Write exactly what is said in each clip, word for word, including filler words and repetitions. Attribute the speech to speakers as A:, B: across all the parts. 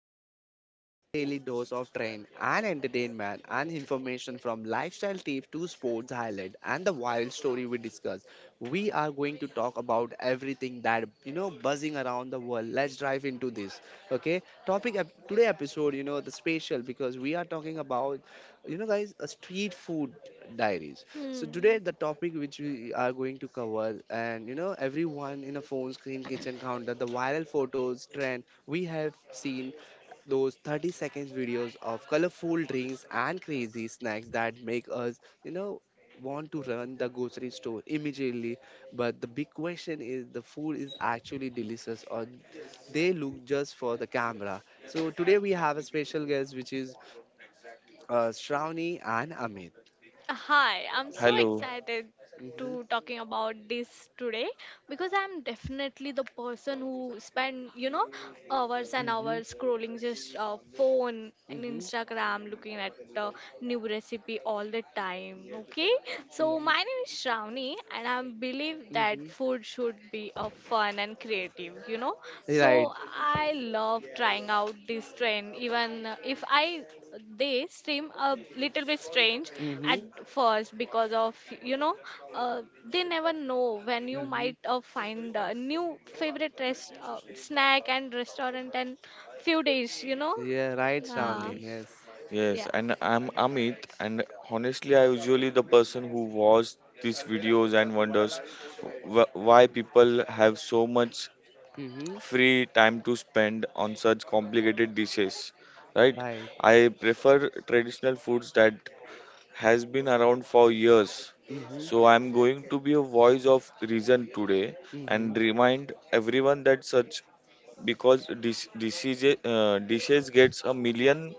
A: Buzz Podcast, your daily dose of train and entertainment and information from lifestyle tips to sports highlight and the wild story we discuss. We are going to talk about everything that you know buzzing around the world. Let's dive into this. Okay, topic ep- today episode, you know, the special because we are talking about, you know, guys, a street food diaries. So today
B: Hmm.
A: the topic which we are going to cover, and you know everyone in a phone screen kitchen counter, the viral photos trend we have seen, those thirty seconds videos of colorful drinks and crazy snacks that make us, you know, want to run the grocery store immediately. But the big question is, the food is actually delicious, or they look just for the camera? So today we have a special guest, which is uh, Shravani and Amit.
B: Hi, I'm so
C: Hello.
B: excited
A: Mm-hmm,
B: to talking about this today because I'm definitely the person who spend, you know, hours and
A: mm-hmm,
B: hours scrolling just uh, phone and
A: mm-hmm,
B: Instagram looking at uh, new recipe all the time, okay? So my
A: mm-hmm,
B: name is Shravani and I believe that
A: mm-hmm.
B: food should be a fun and creative, you know?
A: Right.
B: So I love trying out this trend even if I they seem a little bit strange at
A: Mm-hmm,
B: first because of, you know, uh, they never know when you might
A: mm-hmm.
B: uh, find a new favorite rest uh, snack and restaurant and few days, you know.
A: Yeah, right,
B: uh,
A: Shravani.
C: Yes,
A: Yes.
C: yes,
B: yeah,
C: and I'm Amit, and honestly, I usually the person who watches these videos and wonders wh- why people have so much
A: Mm-hmm.
C: free time to spend on such complicated dishes, right?
A: Right.
C: I prefer traditional foods that has been around for years.
A: Mm-hmm.
C: So I'm going to be a voice of reason today
A: Hmm.
C: and remind everyone that such because dis- disease, uh, dishes gets a million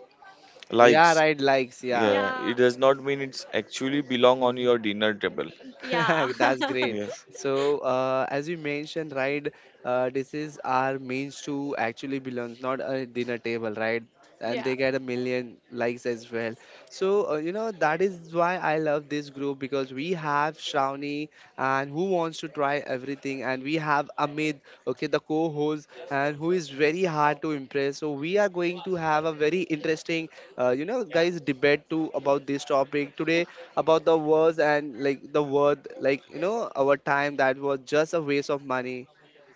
A: Yeah,
C: likes,
A: right, likes, yeah.
C: yeah, it
B: yeah,
C: does not mean it's actually belong on
A: Mhm.
C: your dinner table.
B: yeah.
A: That's
B: yeah.
A: great.
C: Yes,
A: So, uh, as you mentioned, right, uh, this is our means to actually belongs, not a dinner table, right? And
B: yeah
A: they get a million likes as well. So, uh, you know, that is why I love this group, because we have Shravani and who wants to try everything, and we have Amit, okay, the co host, and who is very hard to impress. So, we are going to have a very interesting, uh, you know, guys, debate too about this topic today about the words, and like the word like, you know, our time that was just a waste of money.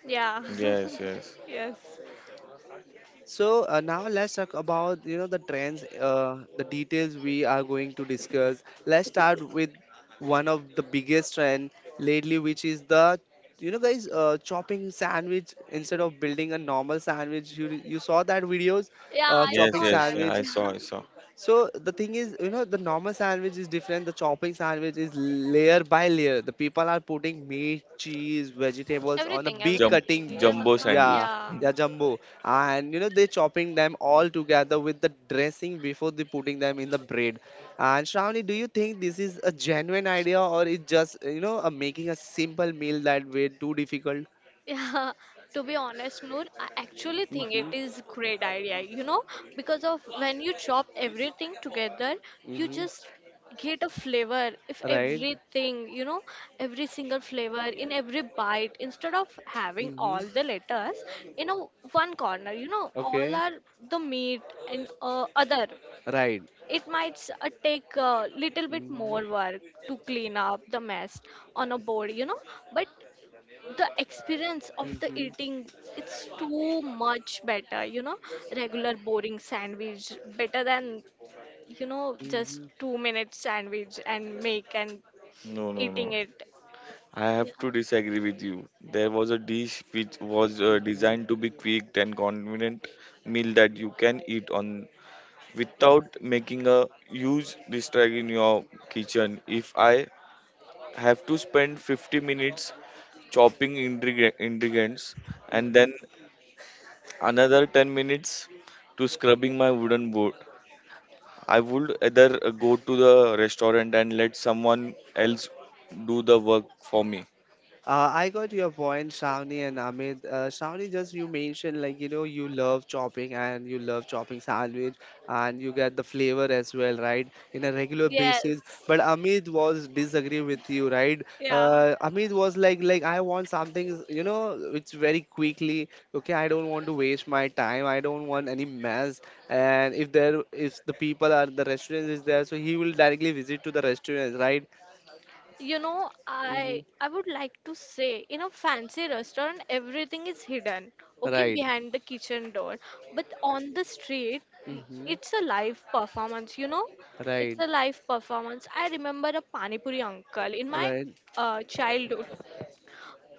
C: yes, yes,
B: yes.
A: So uh, now let's talk about, you know, the trends, uh, the details we are going to discuss. Let's start with one of the biggest trend lately, which is the, you know, guys, uh, chopping sandwich. Instead of building a normal sandwich, you, you saw that videos,
B: Yeah.
A: uh,
B: I
C: yes,
A: chopping
B: saw
C: yes, yeah,
A: sandwich.
C: i saw
B: that.
C: i saw
A: So the thing is, you know, the normal sandwich is different. The chopping sandwich is layer by layer. The people are putting meat, cheese, vegetables on a big
C: Jum-
A: cutting.
B: huh?
C: jumbo sandwich.
A: Yeah,
B: Yeah.
A: yeah, jumbo. And you know, they chopping them all together with the dressing before they putting them in the bread. And Shravani, do you think this is a genuine idea, or it's just, you know, a making a simple meal that way too difficult?
B: Yeah, to be honest, Noor, I actually think it
A: Mm-hmm.
B: is great idea, you know, because of when you chop everything together, you
A: Mm-hmm.
B: just get a flavor if
A: Right.
B: everything, you know, every single flavor in every bite instead of having
A: Mm-hmm.
B: all the letters in a one corner, you know, all
A: Okay.
B: are the meat and uh, other.
A: Right.
B: It might s- uh, take a little bit
A: Mm-hmm.
B: more work to clean up the mess on a board, you know, but the experience of the
A: Mm-hmm.
B: eating, it's too much better, you know, regular boring sandwich better than, you know, just
A: Mhm,
B: two minute sandwich and make and
C: No, no,
B: eating
C: no,
B: it.
C: I have to
B: Yeah.
C: disagree with you. There was a dish which was uh,
A: mhm,
C: designed to be quick and convenient meal that you can eat on
A: mm,
C: without making a huge distract in your kitchen. If I have to spend fifty minutes chopping ingre- ingredients and
A: mhm.
C: then another ten minutes to scrubbing my wooden board, I would either uh, go to the restaurant and let someone else do the work for me.
A: Uh, I got your point, Shravani and Amit. Uh, Shravani, just you mentioned like, you know, you love chopping and you love chopping sandwich, and you get the flavor as well, right? In a regular basis.
B: Yes.
A: But Amit was disagree with you, right?
B: Yeah.
A: Uh, Amit was like like I want something, you know, it's very quickly. Okay, I don't want to waste my time. I don't want any mess. And if there if the people are, the restaurant is there, so he will directly visit to the restaurant, right?
B: You know, I
A: Mm-hmm.
B: I would like to say in a fancy restaurant everything is hidden, okay. Right.
A: Right.
B: Behind the kitchen door. But on the street, i-
A: Hmm.
B: it's a live performance, you know? It's
A: Right.
B: a live performance. I remember a Pani Puri uncle in my
A: Right.
B: uh, childhood,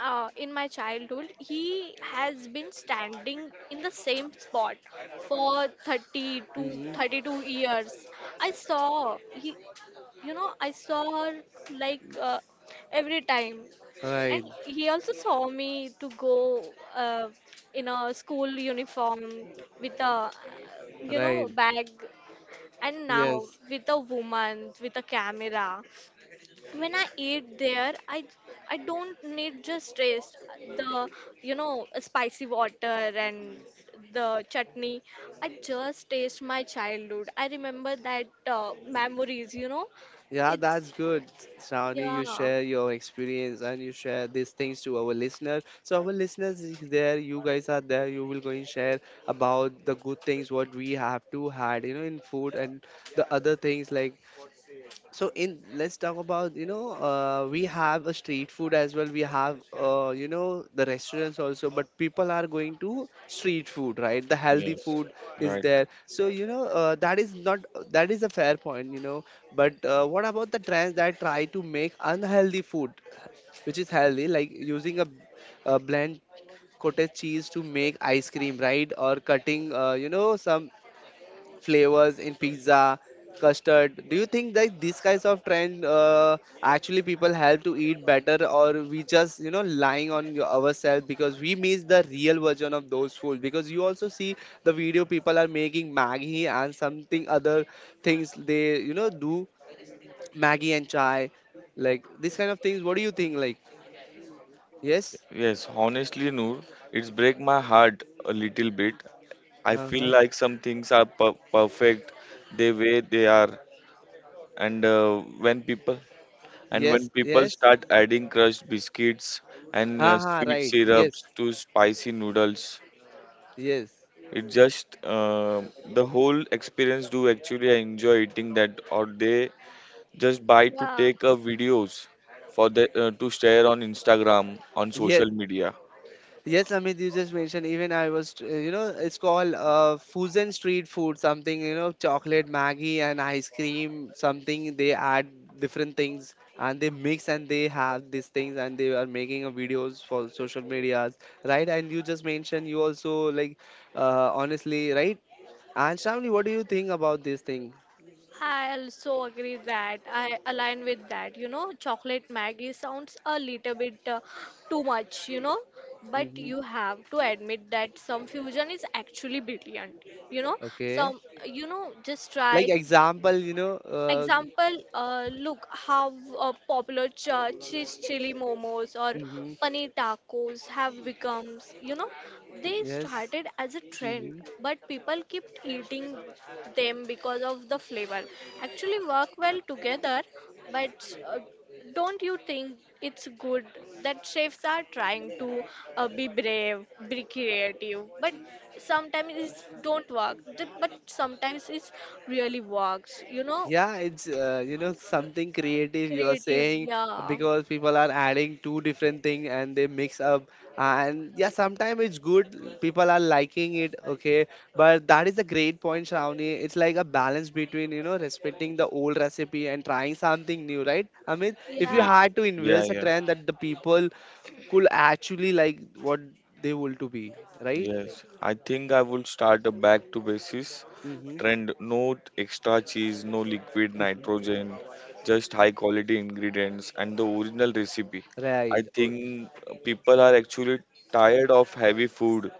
B: uh, in my childhood, he has been standing in the same spot for thirty to
A: Hmm.
B: thirty-two years. I saw he, you know, I saw her, like, uh, every time, and
A: Right.
B: he also saw me to go uh, in a school uniform with a, you know,
A: Right.
B: bag, and now
A: Yes.
B: with a woman with a camera. When I eat there, I I don't need just taste the, you know, spicy water and the chutney. I just taste my childhood. I remember that uh, memories. You know,
A: Yeah,
B: it's,
A: that's good, Shravani. You
B: yeah,
A: share your experience, and you share these things to our listeners. So our listeners is there, you guys are there, you will go and share about the good things what we have to had, you know, in food and the other things like. So in, let's talk about, you know, uh, we have a street food as well, we have, uh, you know, the restaurants also, but people are going to street food, right? The healthy
C: Yes,
A: food is
C: right.
A: there. So you know, uh, that is not, that is a fair point, you know. But uh, what about the trends that try to make unhealthy food which is healthy, like using a, a blend cottage cheese to make ice cream, right? Or cutting, uh, you know, some flavors in pizza, custard. Do you think that these kinds of trend, uh, actually people help to eat better, or we just, you know, lying on your- ourselves because we miss the real version of those foods? Because you also see the video people are making Maggie and something other things, they you know do Maggie and chai, like this kind of things. What do you think? Like yes,
C: Yes, honestly, Noor, it's break my heart a little bit. I
A: uh
C: feel
A: huh,
C: like some things are per perfect the way they are, and uh, when people and
A: yes,
C: when people
A: yes,
C: start adding crushed biscuits and uh,
A: ah
C: sweet
A: right, yes,
C: syrups to spicy noodles.
A: yes.
C: It just uh, the whole experience. Do actually I enjoy eating that, or they just buy to
B: yeah.
C: take uh, videos for the uh, to share on Instagram on
A: Yes,
C: social media.
A: yes, Amit, you just mentioned, even I was, tr- you know, it's called uh, fusion street food, something, you know, chocolate, Maggie and ice cream, something they add different things and they mix and they have these things, and they are making a videos for social medias, right? And you just mentioned you also like, uh, honestly, right? And Shravani, what do you think about this thing?
B: I also agree that I align with that. You know, chocolate Maggie sounds a little bit uh, too much, you know, but
A: Hmm.
B: you have to admit that some fusion is actually brilliant. You know,
A: Okay.
B: some, you know, just
A: Like
B: try.
A: example, you know, uh,
B: Example, uh, look how uh, popular ch- cheese chili momos or
A: hmm.
B: paneer tacos have become. You know, they
A: Yes.
B: started as a trend,
A: Hmm.
B: but people kept eating them because of the flavor. Actually, work well together, but uh, don't you think it's good that chefs are trying to uh, be brave, be creative, but sometimes it don't work. The- But sometimes it really works. You know,
A: Yeah, it's, uh, you know, something creative you are
B: creative,
A: saying,
B: yeah.
A: because people are adding two different thing and they mix up, and yeah, sometimes it's good, people are liking it, okay. But that is a great point, Shravani. It's like a balance between, you know, respecting the old recipe and trying something new, right? I mean, if you
B: Yeah.
C: Ye-
A: had to
C: Yeah,
A: invest a
C: yeah,
A: trend that the people could actually like, what they want to be, right?
C: yes. I think I will start a back to basis
A: Mm-hmm.
C: trend. No extra cheese, no liquid nitrogen, just high quality ingredients and the original recipe. I
A: Right, oh.
C: think people are actually tired of heavy food,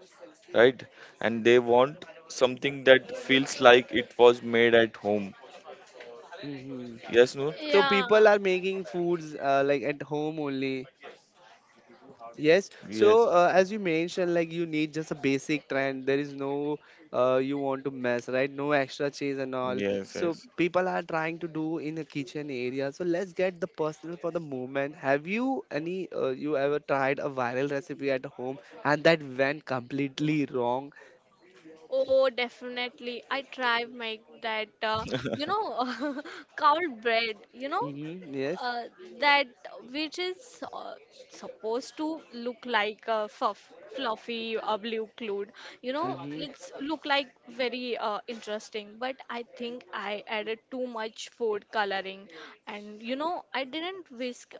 C: right? And they want something that feels like it was made at home.
A: Mm-hmm.
C: Yes, Noor?
A: So
B: yeah.
A: people are making foods uh, like at home only. Yes.
C: Yes,
A: So uh, as you mentioned, like you need just a basic trend. There is no uh, you want to mess, right? No extra cheese and all.
C: yes,
A: So
C: yes.
A: people are trying to do in the kitchen area. So let's get the personal for the moment. Have you any uh, you ever tried a viral recipe at home, and that went completely wrong?
B: Oh, definitely. I try make that, uh, you know, cow bread, you know,
A: Mm-hmm. Yes.
B: uh, that which is uh, supposed to look like a fuff, fluffy uh, blue cloud. You know,
A: Mm-hmm.
B: it's look like very uh, interesting, but I think I added too much food coloring, and you know, I didn't whisk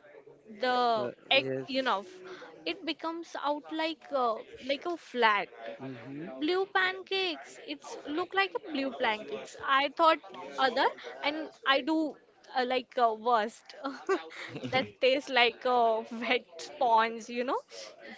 B: the
A: Uh,
B: egg
A: yes.
B: enough. It becomes out like, uh, like a flat
A: Mhm.
B: blue pancakes, it's look like a blue pancakes I thought other, and I do uh, like uh, worst that tastes like a wet sponge, you know,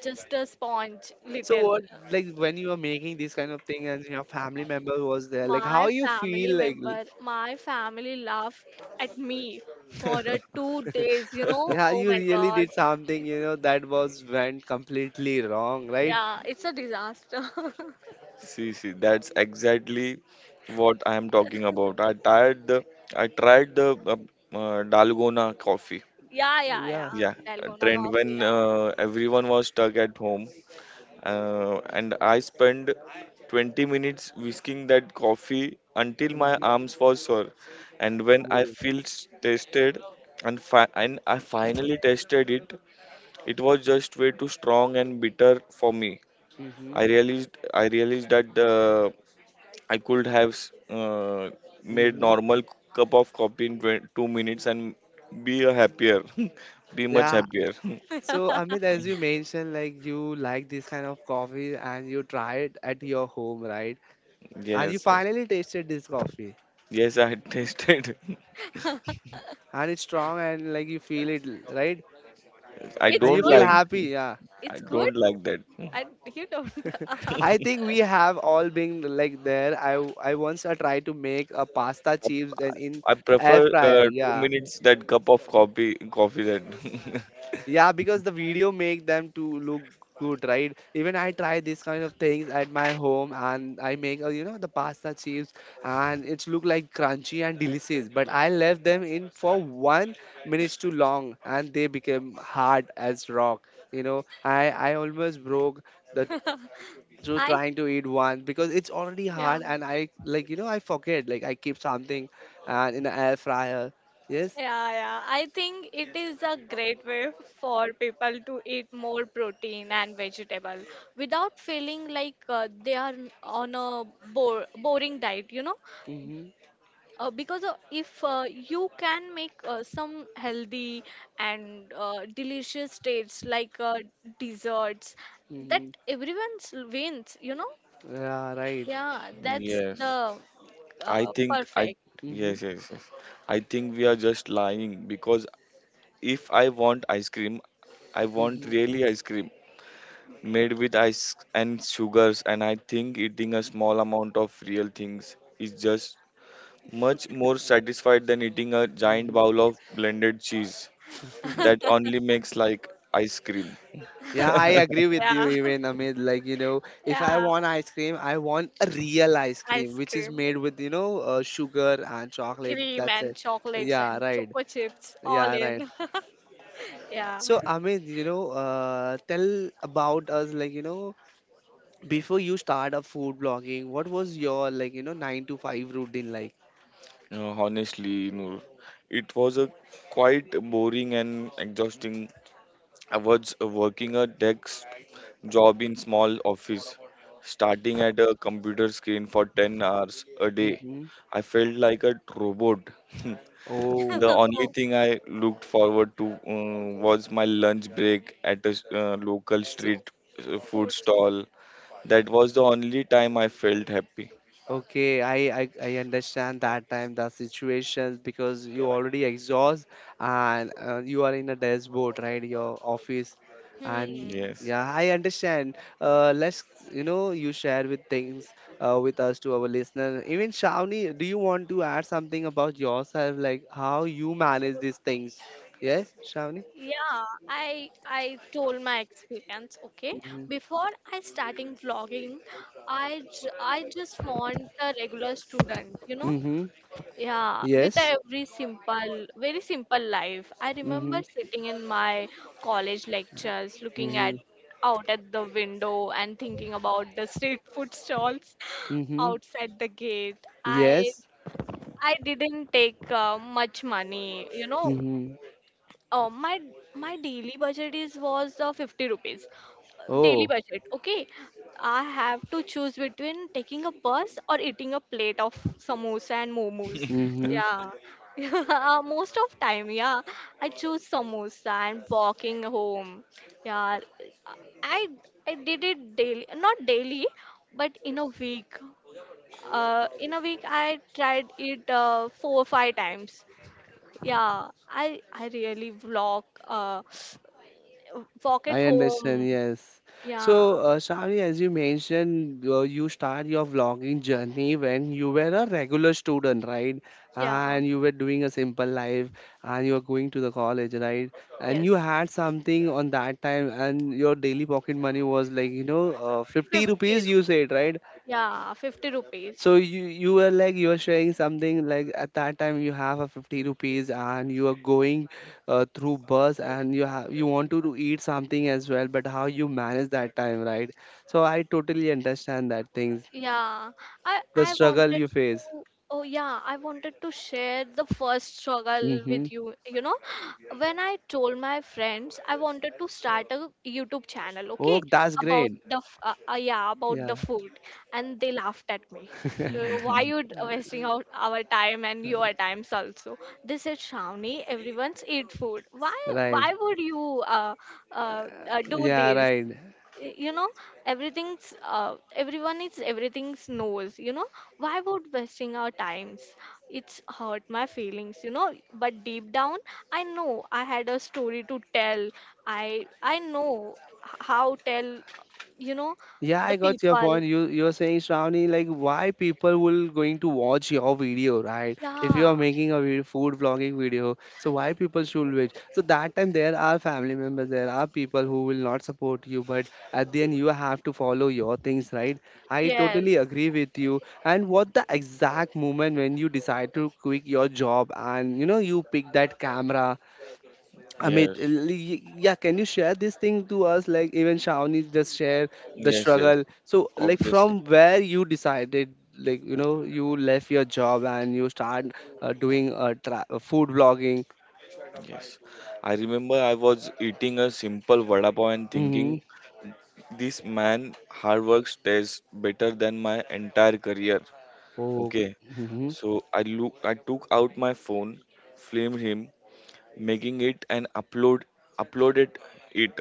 B: just a sponge
A: So
B: little.
A: what, like when you were making this kind of thing and your family member was there, like
B: My
A: how you
B: family
A: feel like, li-.
B: member, my family laughed at me for a two days, you know.
A: Yeah,
B: Oh
A: you
B: my
A: really
B: god.
A: did something, you know, that was went completely wrong, right?
B: Yeah, it's a disaster.
C: See, see, that's exactly what I am talking about. I tried the I tried the uh, uh, Dalgona coffee.
B: yeah, yeah,
A: Yeah.
B: yeah.
C: Yeah, a
B: Dalgona
C: trend
B: coffee,
C: when
B: yeah.
C: uh, everyone was stuck at home, uh, and I spent twenty minutes whisking that coffee until my
A: Hmm.
C: arms were sore. And when I
A: Oh.
C: feel s- tested, and fi- and I finally tested it, it was just way too strong and bitter for me.
A: Hmm.
C: I realized I realized that uh, I could have s- uh, made
A: Hmm.
C: normal cup of coffee in twenty two minutes and be a happier, be much
A: Yeah.
C: happier.
A: So Amit, as you mentioned, like you like this kind of coffee and you try it at your home, right? And you
C: Yes, yes,
A: finally tasted this coffee,
C: yes. I tasted.
A: and it's strong, and like you feel it, right?
C: I
B: It's
A: And you
C: don't
A: feel
B: good.
C: like
A: happy, yeah.
C: I
B: It's good.
C: don't like that.
B: I, you don't.
A: I
C: I
A: think we have all been like there. I w- I once I tried to make a pasta chips and in
C: I
A: air
C: prefer uh,
A: fryer.
C: two
A: Yeah,
C: minutes that cup of coffee coffee that.
A: yeah, because the video make them to look good, right? Even I try this kind of things at my home and I make, uh, you know, the pasta chips, and it's look like crunchy and delicious. But I left them in for one minutes too long and they became hard as rock. You know, I I almost broke the, so
B: I,
A: trying to eat one because it's already
B: yeah.
A: hard, and I like, you know, I forget like I keep something and in the air fryer. Yes.
B: Yeah, yeah. I think it is a great way for people to eat more protein and vegetable without feeling like uh, they are on a bo boring diet, you know?
A: Hmm.
B: Uh, because uh, if uh, you can make uh, some healthy and uh, delicious tastes like uh, desserts, that
A: Hmm.
B: everyone's wins, you know.
A: Yeah, right.
B: Yeah, that's
C: Yes.
B: the
C: I
B: uh,
C: think I
B: perfect.
A: Hmm.
C: Yes, yes, yes. I think we are just lying, because if I want ice cream, I want
A: Hmm.
C: really ice cream made with ice and sugars, and I think eating a small amount of real things is just much more satisfied than eating a giant
A: Hmm.
C: bowl of blended cheese that only makes like ice cream.
A: Yeah, I agree with you,
B: yeah.
A: even Amit, like, you know, if I
B: Yeah.
A: want ice cream, I want a real ice cream
B: Ice
A: which is
B: cream,
A: made with, you know, uh, sugar and chocolate,
B: cream
A: that's
B: and
A: it.
B: chocolates
A: Yeah,
B: and
A: right.
B: choco chips all
A: Yeah, right.
B: in. yeah.
A: So Amit, you know, uh, tell about us like, you know, before you start up food blogging, what was your like, you know, nine to five routine like?
C: Uh, honestly, Noor, it was a quite boring and exhausting. I was working a desk job in small office, starting at a computer screen for ten hours a day.
A: Mm-hmm.
C: I felt like a robot. The
A: Oh,
C: only thing I looked forward to um, was my lunch break at a s- uh, local
A: so,
C: street uh, food
B: food.
C: stall. That was the only time I felt happy.
A: okay. I, I I understand that time the situations because you already exhaust, and uh, you are in a dashboard, right? Your office, and
B: Hmm.
C: Yes.
A: yeah, I understand. Uh, let's, you know, you share with things, uh, with us to our listener. Even Shawnee, do you want to add something about yourself, like how you manage these things? Yes, Shawnee.
B: Yeah, I I told my experience, okay? Before I starting vlogging, I j I just want a regular student, you know?
A: Mm-hmm.
B: Yeah, with a
A: Yes.
B: every simple, very simple life. I
A: Mm-hmm.
B: remember sitting in my college lectures, looking at
A: Mm-hmm.
B: out at the window and thinking about the street food stalls
A: Mm-hmm.
B: outside the gate. I
A: Yes.
B: I didn't take uh, much money, you know,
A: Mm-hmm.
B: uh, my my daily budget is was uh, fifty rupees. Uh, daily
A: Oh.
B: budget, okay. I have to choose between taking a bus or eating a plate of samosa and momos.
A: Mm-hmm.
B: Yeah. Uh, most of time, yeah, I choose samosa and walking home. Yeah. I i did it daily, not daily, but in a week, uh, in a week I tried it uh, four or five times. Yeah. I i really vlog, uh, uh, walk at
A: I understand.
B: home.
A: Yes.
B: Yeah,
A: So, uh, Shravani, as you mentioned, uh, you start your vlogging journey when you were a regular student, right?
B: yeah,
A: And you were doing a simple life, and you were going to the college, right? And
B: yes.
A: you had something on that time, and your daily pocket money was like, you know, uh, fifty
B: fifty.
A: rupees, you
B: ru-
A: said, right?
B: Yeah, fifty rupees.
A: So you you were like you were sharing something, like at that time you have a fifty rupees and you are going uh, through bus, and you have you want to do- eat something as well, but how you manage that time, right? So I totally understand that things,
B: Yeah, I
A: the
B: I
A: struggle
B: wanted
A: you face.
B: to, oh yeah, I wanted to share the first struggle
A: Mm-hmm.
B: with you. You know, when I told my friends I wanted to start a YouTube channel, okay,
A: Oh, that's
B: about
A: great.
B: the f- uh, uh, yeah, about the
A: Yeah.
B: food, and they laughed at me. Uh, Why
C: Yes.
B: you d- wasting out our time and your times also? They said, Shravani, everyone's eat food. Why why
A: Right.
B: would you uh, uh, uh do
A: Yeah,
B: this?
A: right.
B: Y- you know, everything's, uh, everyone is, everything's knows, you know, why would wasting our times. It's hurt my feelings, you know, but deep down I know I had a story to tell. I i know, h- how tell, you know,
A: Yeah,
B: the
A: I got your
B: people.
A: point. You, you're saying, Shravani, like why people will going to watch your video, right? If you
B: Yeah.
A: are making a video, food vlogging video, so why people should watch? So that time there are family members, there are people who will not support you, but at the end you have to follow your things, right? I
B: Yes.
A: totally agree with you. And what the exact moment when you decide to quit your job and you know you pick that camera, Amit, l- y- yeah, can you share this thing to us? Like even Shawnee just share the
C: Yes, yes.
A: struggle. So like
C: Obviously.
A: from where you decided, like you know, you left your job and you start uh, doing uh, tra- uh, food blogging.
C: Yes. I remember I was eating a simple vada pav and thinking,
A: Mm-hmm.
C: this man hard work tastes better than my entire career.
A: Oh,
C: Okay.
A: mm-hmm.
C: So I look I took out my phone, filmed him, making it, and upload uploaded it.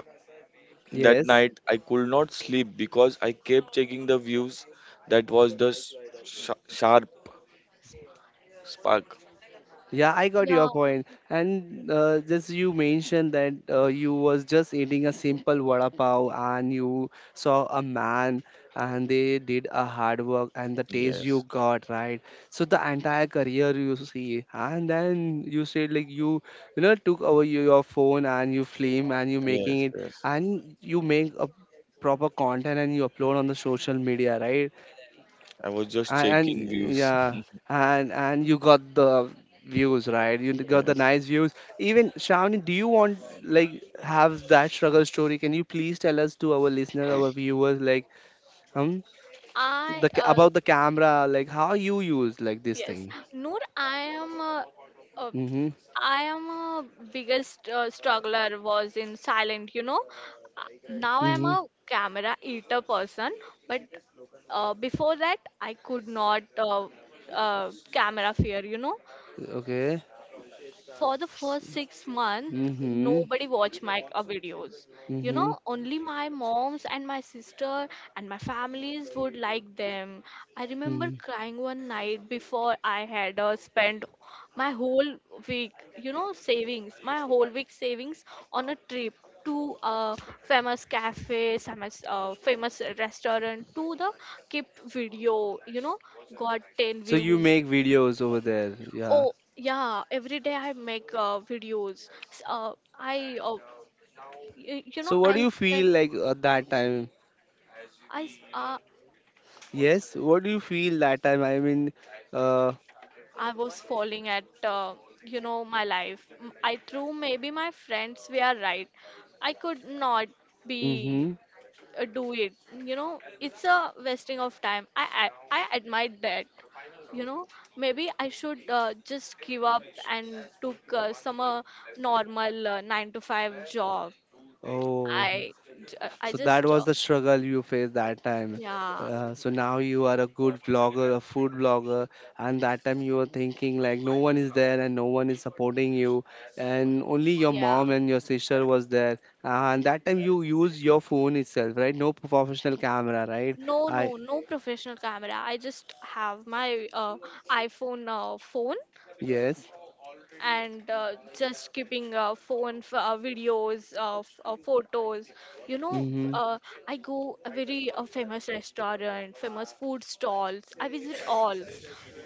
C: That
A: Yes.
C: night I could not sleep because I kept checking the views. That was the s- sh- sharp spark.
A: Yeah, I got
B: Yeah.
A: your point. And uh, just you mentioned that uh, you was just eating a simple vada pav and you saw a man and they did a hard work and the taste you
C: Yes.
A: got, right? So the entire career you see. And then you said like you, you know, took over your your phone and you film and you making
C: Yes,
A: it
C: yes.
A: and you make a proper content and you upload on the social media, right?
C: I was just
A: and,
C: checking
A: and
C: views.
A: yeah, and and you got the views, right? You got the
C: Yes.
A: nice views. Even Shravani, do you want like have that struggle story? Can you please tell us to our listener, our viewers, like um
B: I
A: the ca-
B: uh,
A: about the camera, like how you use like this
B: Yes,
A: thing.
B: Noor, I am a, a
A: Mm-hmm.
B: I am a biggest uh, struggler was in silent, you know. Uh, Now I am
A: Mm-hmm.
B: a camera eater person, but uh, before that I could not uh, uh, camera fear, you know,
A: Okay.
B: for the first six months,
A: Mm-hmm.
B: nobody watched my uh, videos. You
A: Mm-hmm.
B: know, only my moms and my sister and my families would like them. I remember
A: Mm-hmm.
B: crying one night before I had uh, spent my whole week, you know, savings, my whole week savings on a trip to a famous cafe, famous, uh, famous restaurant, to the kept video, you know, got ten
A: So you
B: views.
A: make videos over there, yeah?
B: Oh, yeah, every day I make uh, videos. S- Uh, I, uh, y- you know,
A: So what do
B: I
A: you feel
B: spent,
A: like at that time?
B: I, s- uh,
A: Yes, what do you feel that time, I mean, uh
B: I was falling at, uh, you know, my life. M- I threw maybe my friends were right. I could not be
A: mm.
B: uh, do it. You know, it's a wasting of time. I, I, I admire that. You know, maybe I should uh, just give up and took uh, some uh, normal uh, nine to five job.
A: Oh,
B: I, j- uh, I
A: so that
B: just
A: was
B: uh,
A: the struggle you faced that time.
B: Yeah.
A: Uh, so now you are a good vlogger, a food blogger, and that time you were thinking like no one is there and no one is supporting you, and only your
B: Yeah.
A: mom and your sister was there. Uh, and that time you use your phone itself, right? No professional camera, right?
B: No,
A: I
B: no, no professional camera. I just have my uh, iPhone uh, phone
A: yes.
B: and uh, just keeping uh, phone f- uh, videos of uh, photos, you know.
A: Mm-hmm.
B: uh, I go a very uh, famous restaurant, famous food stalls, I visit all,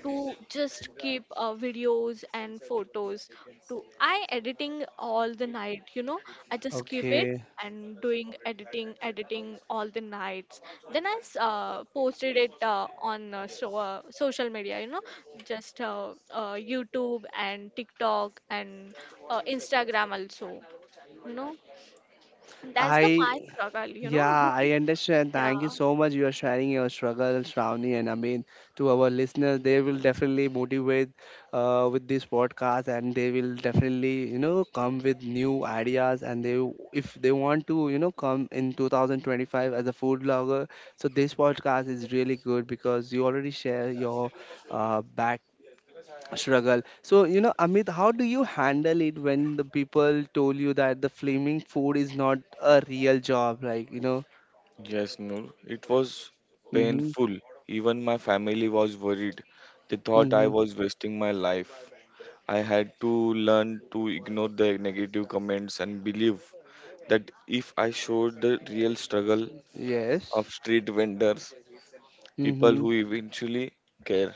B: to just keep uh, videos and photos, to I editing all the night, you know, I just keep it
A: Okay.
B: and doing editing editing all the nights. Then i s- uh, posted it uh, on, uh, so, uh, social media, you know, just uh, uh, YouTube and TikTok and uh, Instagram also. You know, that's
A: I.
B: the my struggle. You know,
A: Yeah, I understand.
B: yeah,
A: Thank you so much. You are sharing your struggles, Ravni, and I mean to our listeners, they will definitely motivate uh, with this podcast, and they will definitely you know come with new ideas, and they if they want to you know come in twenty twenty-five as a food blogger. So this podcast is really good because you already share your uh, back struggle. So you know, Amit, how do you handle it when the people told you that the flaming food is not a real job, like you know?
C: Yes, Noor. It was
A: Mm-hmm.
C: painful. Even my family was worried. They thought I
A: Mm-hmm.
C: was wasting my life. I had to learn to ignore the negative comments and believe that if I showed the real struggle of
A: Yes.
C: street vendors, people
A: Mm-hmm.
C: who eventually care.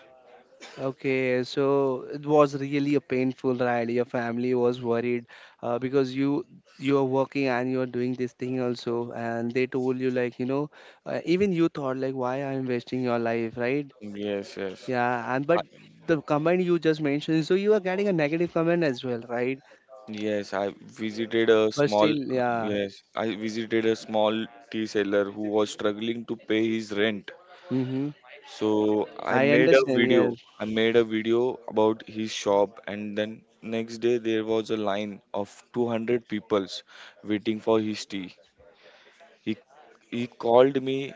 A: Okay, so it was really a painful ride. Your family was worried uh, because you you are working and you are doing this thing also, and they told you like you know, uh, even you thought like why I'm wasting your life, right?
C: Yes, yes.
A: Yeah, and
C: I,
A: but the comment you just mentioned, so you are getting a negative comment as well, right?
C: yes, I visited a
A: But
C: small
A: still, yeah.
C: yes, I visited a small tea seller who was struggling to pay his rent.
A: Mm-hmm.
C: So I
A: I
C: made a
A: understand.
C: video.
A: Yes.
C: I made a video about his shop, and then next day there was a line of two hundred peoples waiting for his tea. He he called me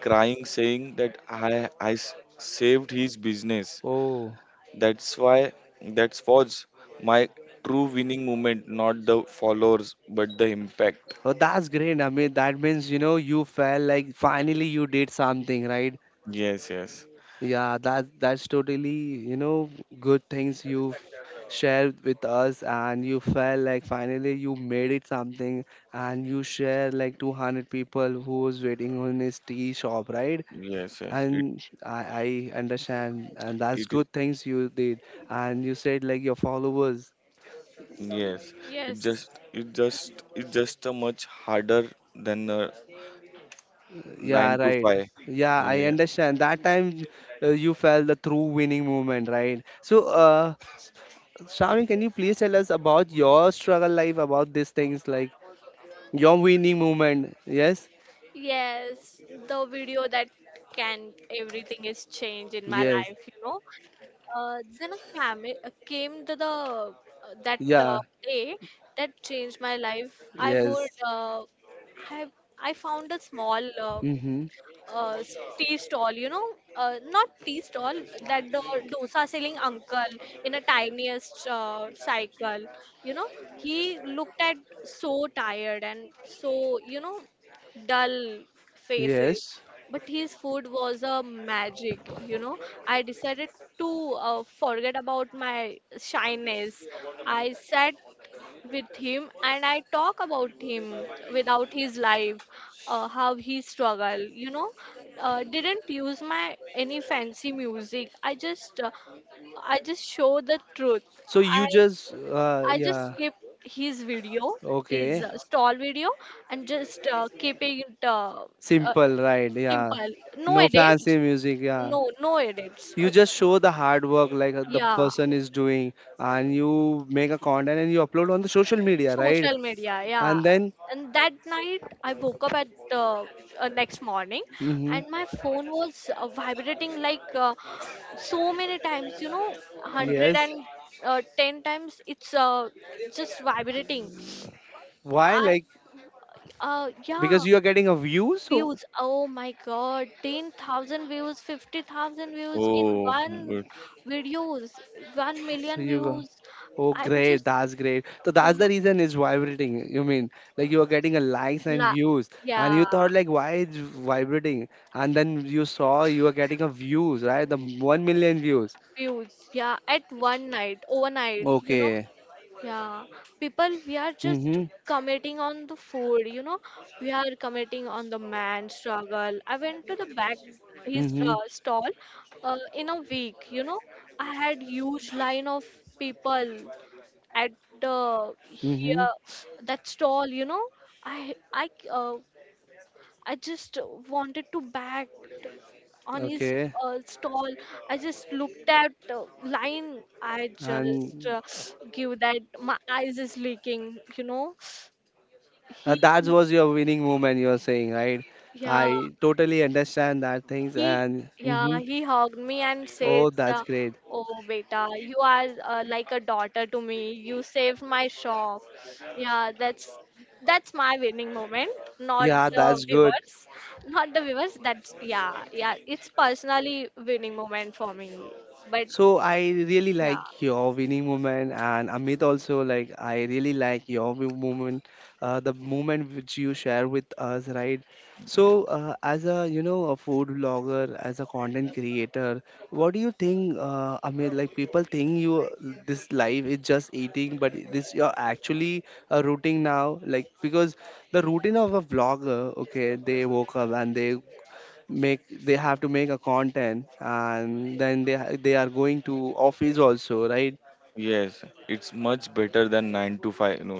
C: crying, saying that I I s- saved his business.
A: Oh.
C: That's why that was my true winning moment, not the followers but the impact.
A: Oh, that's great. I mean, that means, you know, you felt like finally you did something, right?
C: Yes, yes.
A: Yeah, that that's totally, you know, good things you've shared with us, and you felt like finally you made it something, and you share like two hundred people who was waiting on his tea shop, right?
C: Yes, yes. It
A: And I, I understand, and that's
C: it is.
A: good things you did. And you said like your followers.
C: Yes, it
B: yes,
C: just it just it just a much harder than a
A: Yeah,
C: nine to
A: right.
C: five.
A: Yeah, I
C: Yeah.
A: understand. That time uh, you felt the true winning moment, right? So, uh, Shravani, can you please tell us about your struggle life, about these things, like your winning moment? Yes,
B: yes. The video that can everything is changed in my
A: yes,
B: life. You know, uh, then I came uh, came to the, uh, that, uh,
A: yeah,
B: day that changed my life. I would
A: yes,
B: uh, I I found a small, uh,
A: mm-hmm,
B: uh, s- tea stall, you know, uh, not tea stall, that the dosa selling uncle in a tiniest uh, cycle, you know, he looked at so tired and so, you know, dull faces.
A: yes.
B: But his food was a magic, you know. I decided to uh, forget about my shyness. I sat with him and I talk about him without his life, uh, how he struggle. You know, uh, didn't use my any fancy music. I just uh, I just show the truth.
A: So you
B: I
A: just, uh,
B: I just
A: yeah,
B: keep his video, his
A: okay,
B: uh, stall video, and just uh, keep it uh, uh,
A: simple, right? Yeah,
B: simple. No
A: no fancy
B: edits.
A: music, yeah,
B: No, no edits. Uh,
A: you just show the hard work like uh, the
B: yeah.
A: person is doing, and you make a content and you upload on the social media, right?
B: Social media, yeah,
A: And then
B: and that night I woke up at, uh, uh, next morning,
A: hmm.
B: and my phone was uh, vibrating like, uh, so many times, you know, one hundred
A: Yes.
B: and uh, ten times. It's uh, just vibrating.
A: Why,
B: I
A: like?
B: uh, Yeah.
A: Because you are getting a view. So
B: Views. Oh my god, ten thousand views, fifty thousand views in
C: Oh,
B: one
C: good.
B: videos, one
A: so
B: million
A: you go.
B: views.
A: Oh
B: I'm
A: great,
B: just
A: that's great. So
B: Yeah.
A: that's the reason is vibrating, you mean? Like you are getting a likes and
B: La,
A: views, and you
B: yeah,
A: thought like why it's vibrating, and then you saw you are getting a views, right? The one million views.
B: views, yeah, at one night, overnight, you know,
A: Okay.
B: yeah, people, we are just
A: Mm-hmm.
B: committing on the food, you know, we are committing on the man struggle. I went to the back his uh,
A: Mm-hmm.
B: stall, uh, in a week, you know, I had huge line of people at the
A: Mm-hmm.
B: here that stall, you know, I I uh, I just wanted to back on his
A: Okay.
B: uh, stall. I just looked at uh, line. I just,
A: And
B: uh, give that my eyes is leaking. You know, he,
A: uh, that was your winning moment, you are saying, right?
B: yeah.
A: I totally understand that things.
B: He,
A: And
B: yeah,
A: hmm,
B: he hugged me and said,
A: oh, that's
B: uh,
A: great.
B: "Oh, beta, you are uh, like a daughter to me. You saved my shop." Yeah, that's that's my winning moment, not
A: Yeah,
B: the
A: that's good.
B: viewers, not the viewers. That's, yeah, yeah. It's personally winning moment for me, but
A: So I really
B: yeah,
A: like your winning moment, and Amit also, like I really like your win- moment, uh, the moment which you share with us, right? So uh, as a you know a food blogger, as a content creator, what do you think, uh, Amit? Like people think you this life is just eating, but this you're actually a routine now, like because the routine of a vlogger, okay, they woke up and they make they have to make a content and then they ha- they are going to office also, right?
C: Yes, it's much better than nine to five. No,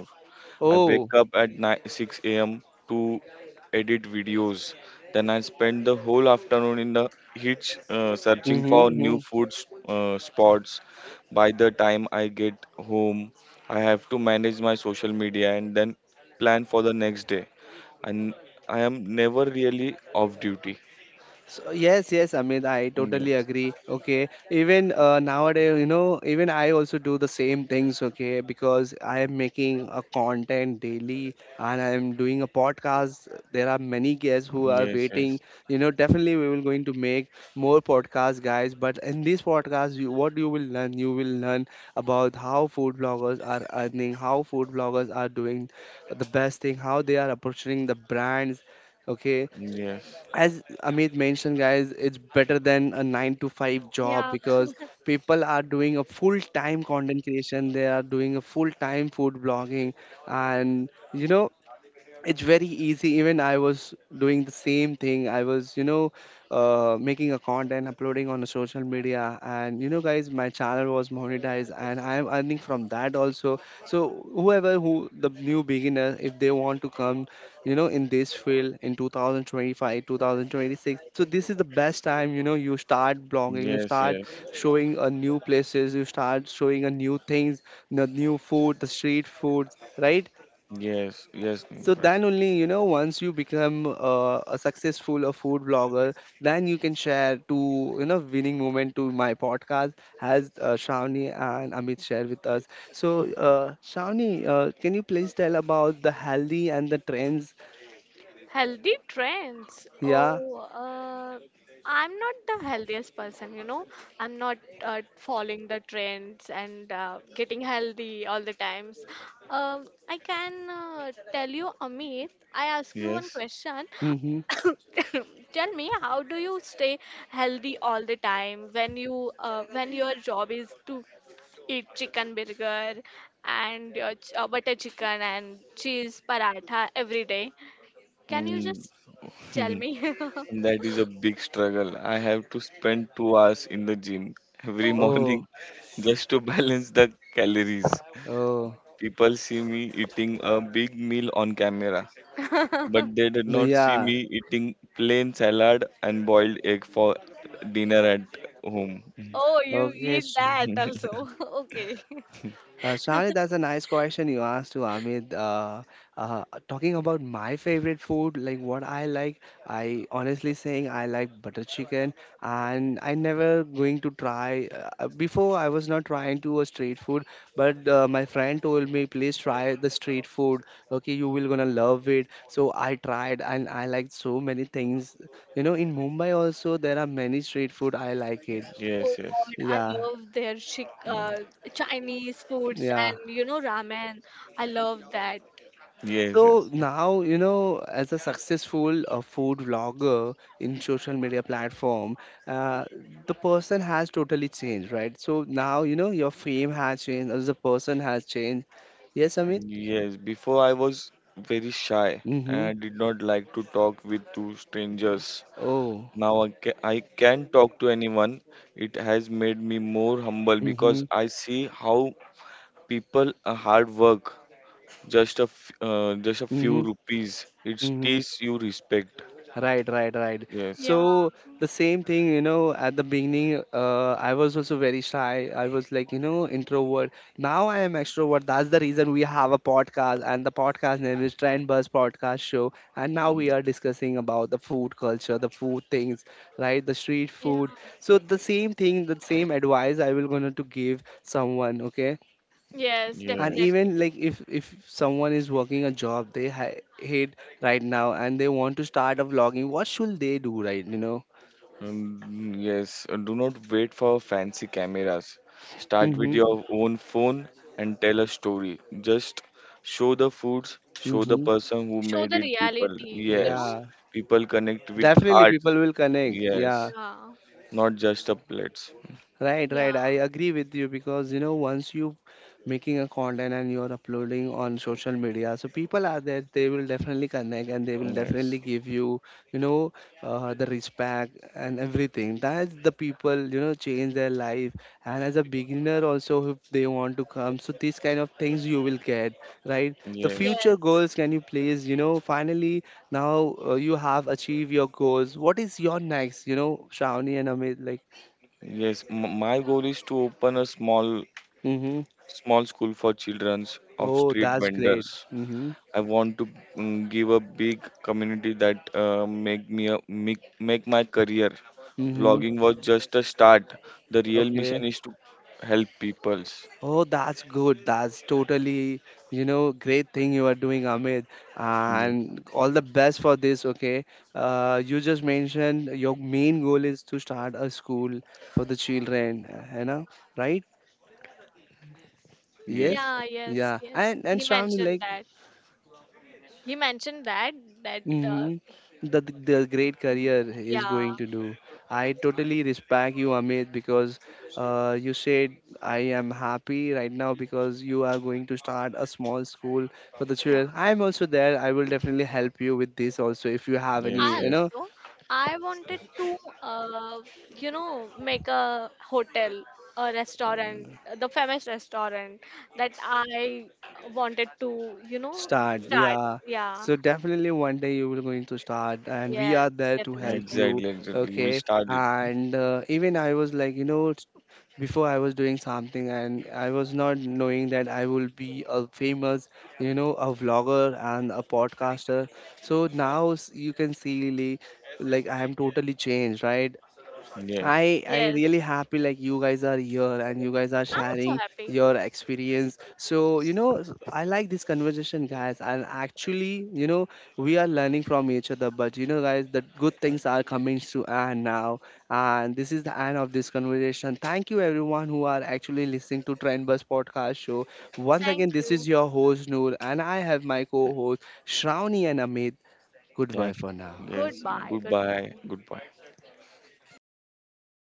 C: I wake
A: Oh.
C: up at nine, six a m to edit videos. Then I spend the whole afternoon in the heat, uh, searching
A: Mm-hmm,
C: for new
A: mm-hmm.
C: food s- uh, spots. By the time I get home, I have to manage my social media and then plan for the next day. And I am never really off duty.
A: So, yes, yes, I mean, I
C: Yes,
A: totally agree. Okay, even uh, nowadays, you know, even I also do the same things. Okay, because I am making a content daily and I am doing a podcast. There are many guests who are
C: yes,
A: waiting.
C: yes,
A: You know, definitely we will going to make more podcasts, guys. But in this podcast, you, what you will learn, you will learn about how food bloggers are earning, how food bloggers are doing the best thing, how they are approaching the brands. Okay,
C: yes,
A: as Amit mentioned, guys, it's better than a nine to five job
B: yeah.
A: because people are doing a full time content creation, they are doing a full time food blogging, and you know, it's very easy. Even I was doing the same thing. I was you know uh, making a content, uploading on the social media, and you know guys, my channel was monetized and I am earning from that also. So whoever who the new beginner, if they want to come, you know, in this field in two thousand twenty-five, two thousand twenty-six, so this is the best time. You know, you start blogging, you
C: yes,
A: start
C: yes,
A: showing a new places, you start showing a new things, the new food, the street food, right?
C: yes, yes,
A: So
C: Nimrod.
A: then only, you know, once you become uh, a successful a food blogger, then you can share to, you know, winning moment to my podcast, as uh, Shravani and Amit share with us. So uh, Shravani, uh, can you please tell about the healthy and the trends?
B: Healthy trends.
A: Yeah.
B: Oh, uh, I'm not the healthiest person, you know. I'm not uh, following the trends and uh, getting healthy all the times. Um, I can uh, tell you, Amit, I ask you one
C: Yes.
B: question.
A: Mm-hmm.
B: Tell me, how do you stay healthy all the time when you, uh, when your job is to eat chicken burger and your ch- uh, butter chicken and cheese paratha every day? Can you
C: Mm.
B: just tell me?
C: And that is a big struggle. I have to spend two hours in the gym every
B: Oh.
C: morning
A: Oh,
C: just to balance the calories.
A: oh,
C: People see me eating a big meal on camera, but they did not see
A: yeah.
C: me eating plain salad and boiled egg for dinner at home.
B: Oh, you
A: Okay.
B: eat that also. Okay.
A: Uh, Shari, that's a nice question you asked to Amit. Uh, uh, talking about my favorite food, like what I like, I honestly saying I like butter chicken, and I never going to try. Uh, before I was not trying to a street food, but uh, my friend told me please try the street food. Okay, you will gonna love it. So I tried, and I liked so many things. You know, in Mumbai also there are many street food. I like it.
B: Oh
C: Yes, yes.
B: God, I
A: Yeah.
B: love their chic,
C: Mm.
B: uh, Chinese foods
A: Yeah.
B: and you know ramen. I love that.
C: Yes,
A: So
C: yes.
A: now, you know, as a successful uh, food vlogger in social media platform, uh, the person has totally changed, right? So now, you know, your fame has changed, as the person has changed. Yes, I mean.
C: Yes, before I was very shy and
A: Mm-hmm.
C: I did not like to talk with two strangers.
A: Oh.
C: Now I ca- I can talk to anyone. It has made me more humble because
A: Mm-hmm.
C: I see how people are hard work. Just a f- uh, just a few
A: Mm-hmm.
C: rupees. It
A: Mm-hmm.
C: teaches you respect.
A: Right, right, right.
C: Yes.
B: Yeah,
A: So the same thing, you know, at the beginning, uh, I was also very shy. I was like, you know, introvert. Now I am extrovert. That's the reason we have a podcast, and the podcast name is Trend Buzz Podcast Show. And now
C: Mm.
A: we are discussing about the food culture, the food things, right? The street
B: yeah.
A: food. So the same thing, the same advice I will gonna to give someone. Okay,
B: Yes,
A: and
B: definitely.
C: Yes.
A: even like if if someone is working a job they ha- hate right now and they want to start a vlogging, what should they do, right, you know?
C: Mm, yes. Uh, Do not wait for fancy cameras. Start with
A: Mm-hmm.
C: your own phone and tell a story. Just show the foods, show the
A: Mm-hmm.
C: person who
B: Show
C: made
B: the
C: it. People.
B: reality, you
C: Yes.
B: know?
A: Yeah,
C: People connect with
A: definitely
C: hearts.
A: people will connect,
C: Yes,
A: yeah.
C: not just the plates.
A: Right,
B: Yeah,
A: right. I agree with you, because you know once you making a content and you're uploading on social media, so people are there. They will definitely connect and they will definitely
C: Yes,
A: give you, you know, uh, the respect and everything. That's the people you know change their life. And as a beginner also, if they want to come, so these kind of things you will get, right? The
B: yeah,
C: yes,
A: future
B: yes,
A: goals, can you please, you know, finally now uh, you have achieved your goals. What is your next, you know, Shravani and Amit, like?
C: yes. M- my goal is to open a small,
A: Mm-hmm.
C: small school for children of
A: Oh,
C: street
A: that's great.
C: vendors.
A: Mm-hmm.
C: I want to mm, give a big community that uh, make me a, make, make my career.
A: Mm-hmm.
C: Vlogging was just a start. The real
A: Okay.
C: mission is to help peoples.
A: Oh, that's good. That's totally, you know, great thing you are doing, Amit.
C: Yes,
A: And all the best for this, okay? Uh, you just mentioned your main goal is to start a school for the children, uh, you know, right? Yes?
C: yes,
B: yeah, yes,
A: Yeah.
B: yes.
A: And and
B: He
A: Shravani,
B: mentioned
A: like.
B: that. He mentioned that, that, uh,
A: Mm-hmm. The, the great career he is
B: yeah.
A: going to do. I totally respect you, Amit, because uh, you said I am happy right now because you are going to start a small school for the
B: Yeah.
A: children. I am also there. I will definitely help you with this also if you have
C: yes,
A: any, you
C: yes.
A: know,
B: Also, I wanted to, uh, you know, make a hotel, a restaurant, the famous restaurant that I wanted to, you know,
A: start.
B: start.
A: Yeah.
B: Yeah.
A: So definitely one day you will going to start, and we
B: Yes,
A: are there to help
B: definitely.
A: you.
C: Exactly, exactly. You will
A: Okay.
C: start it.
A: And uh, even I was like, you know, before I was doing something and I was not knowing that I will be a famous, you know, a vlogger and a podcaster. So now s- you can see like, like I am totally changed, right?
C: Yes.
A: I I
B: Yes.
A: really happy like you guys are here and you guys are
B: I'm so
A: sharing
B: happy.
A: your experience. So you know s- I like this conversation, guys. And actually, you know we are learning from each other. But you know, guys, the good things are coming to end now, and this is the end of this conversation. Thank you everyone who are actually listening to Trend Bus podcast show. Once again,
B: Thank
A: this is
B: you.
A: your host Noor, and I have my co-host Shravani and Amit. Goodbye
C: Thank.
A: for now.
C: Yes.
B: Goodbye.
C: Goodbye.
B: Goodbye.
C: Goodbye.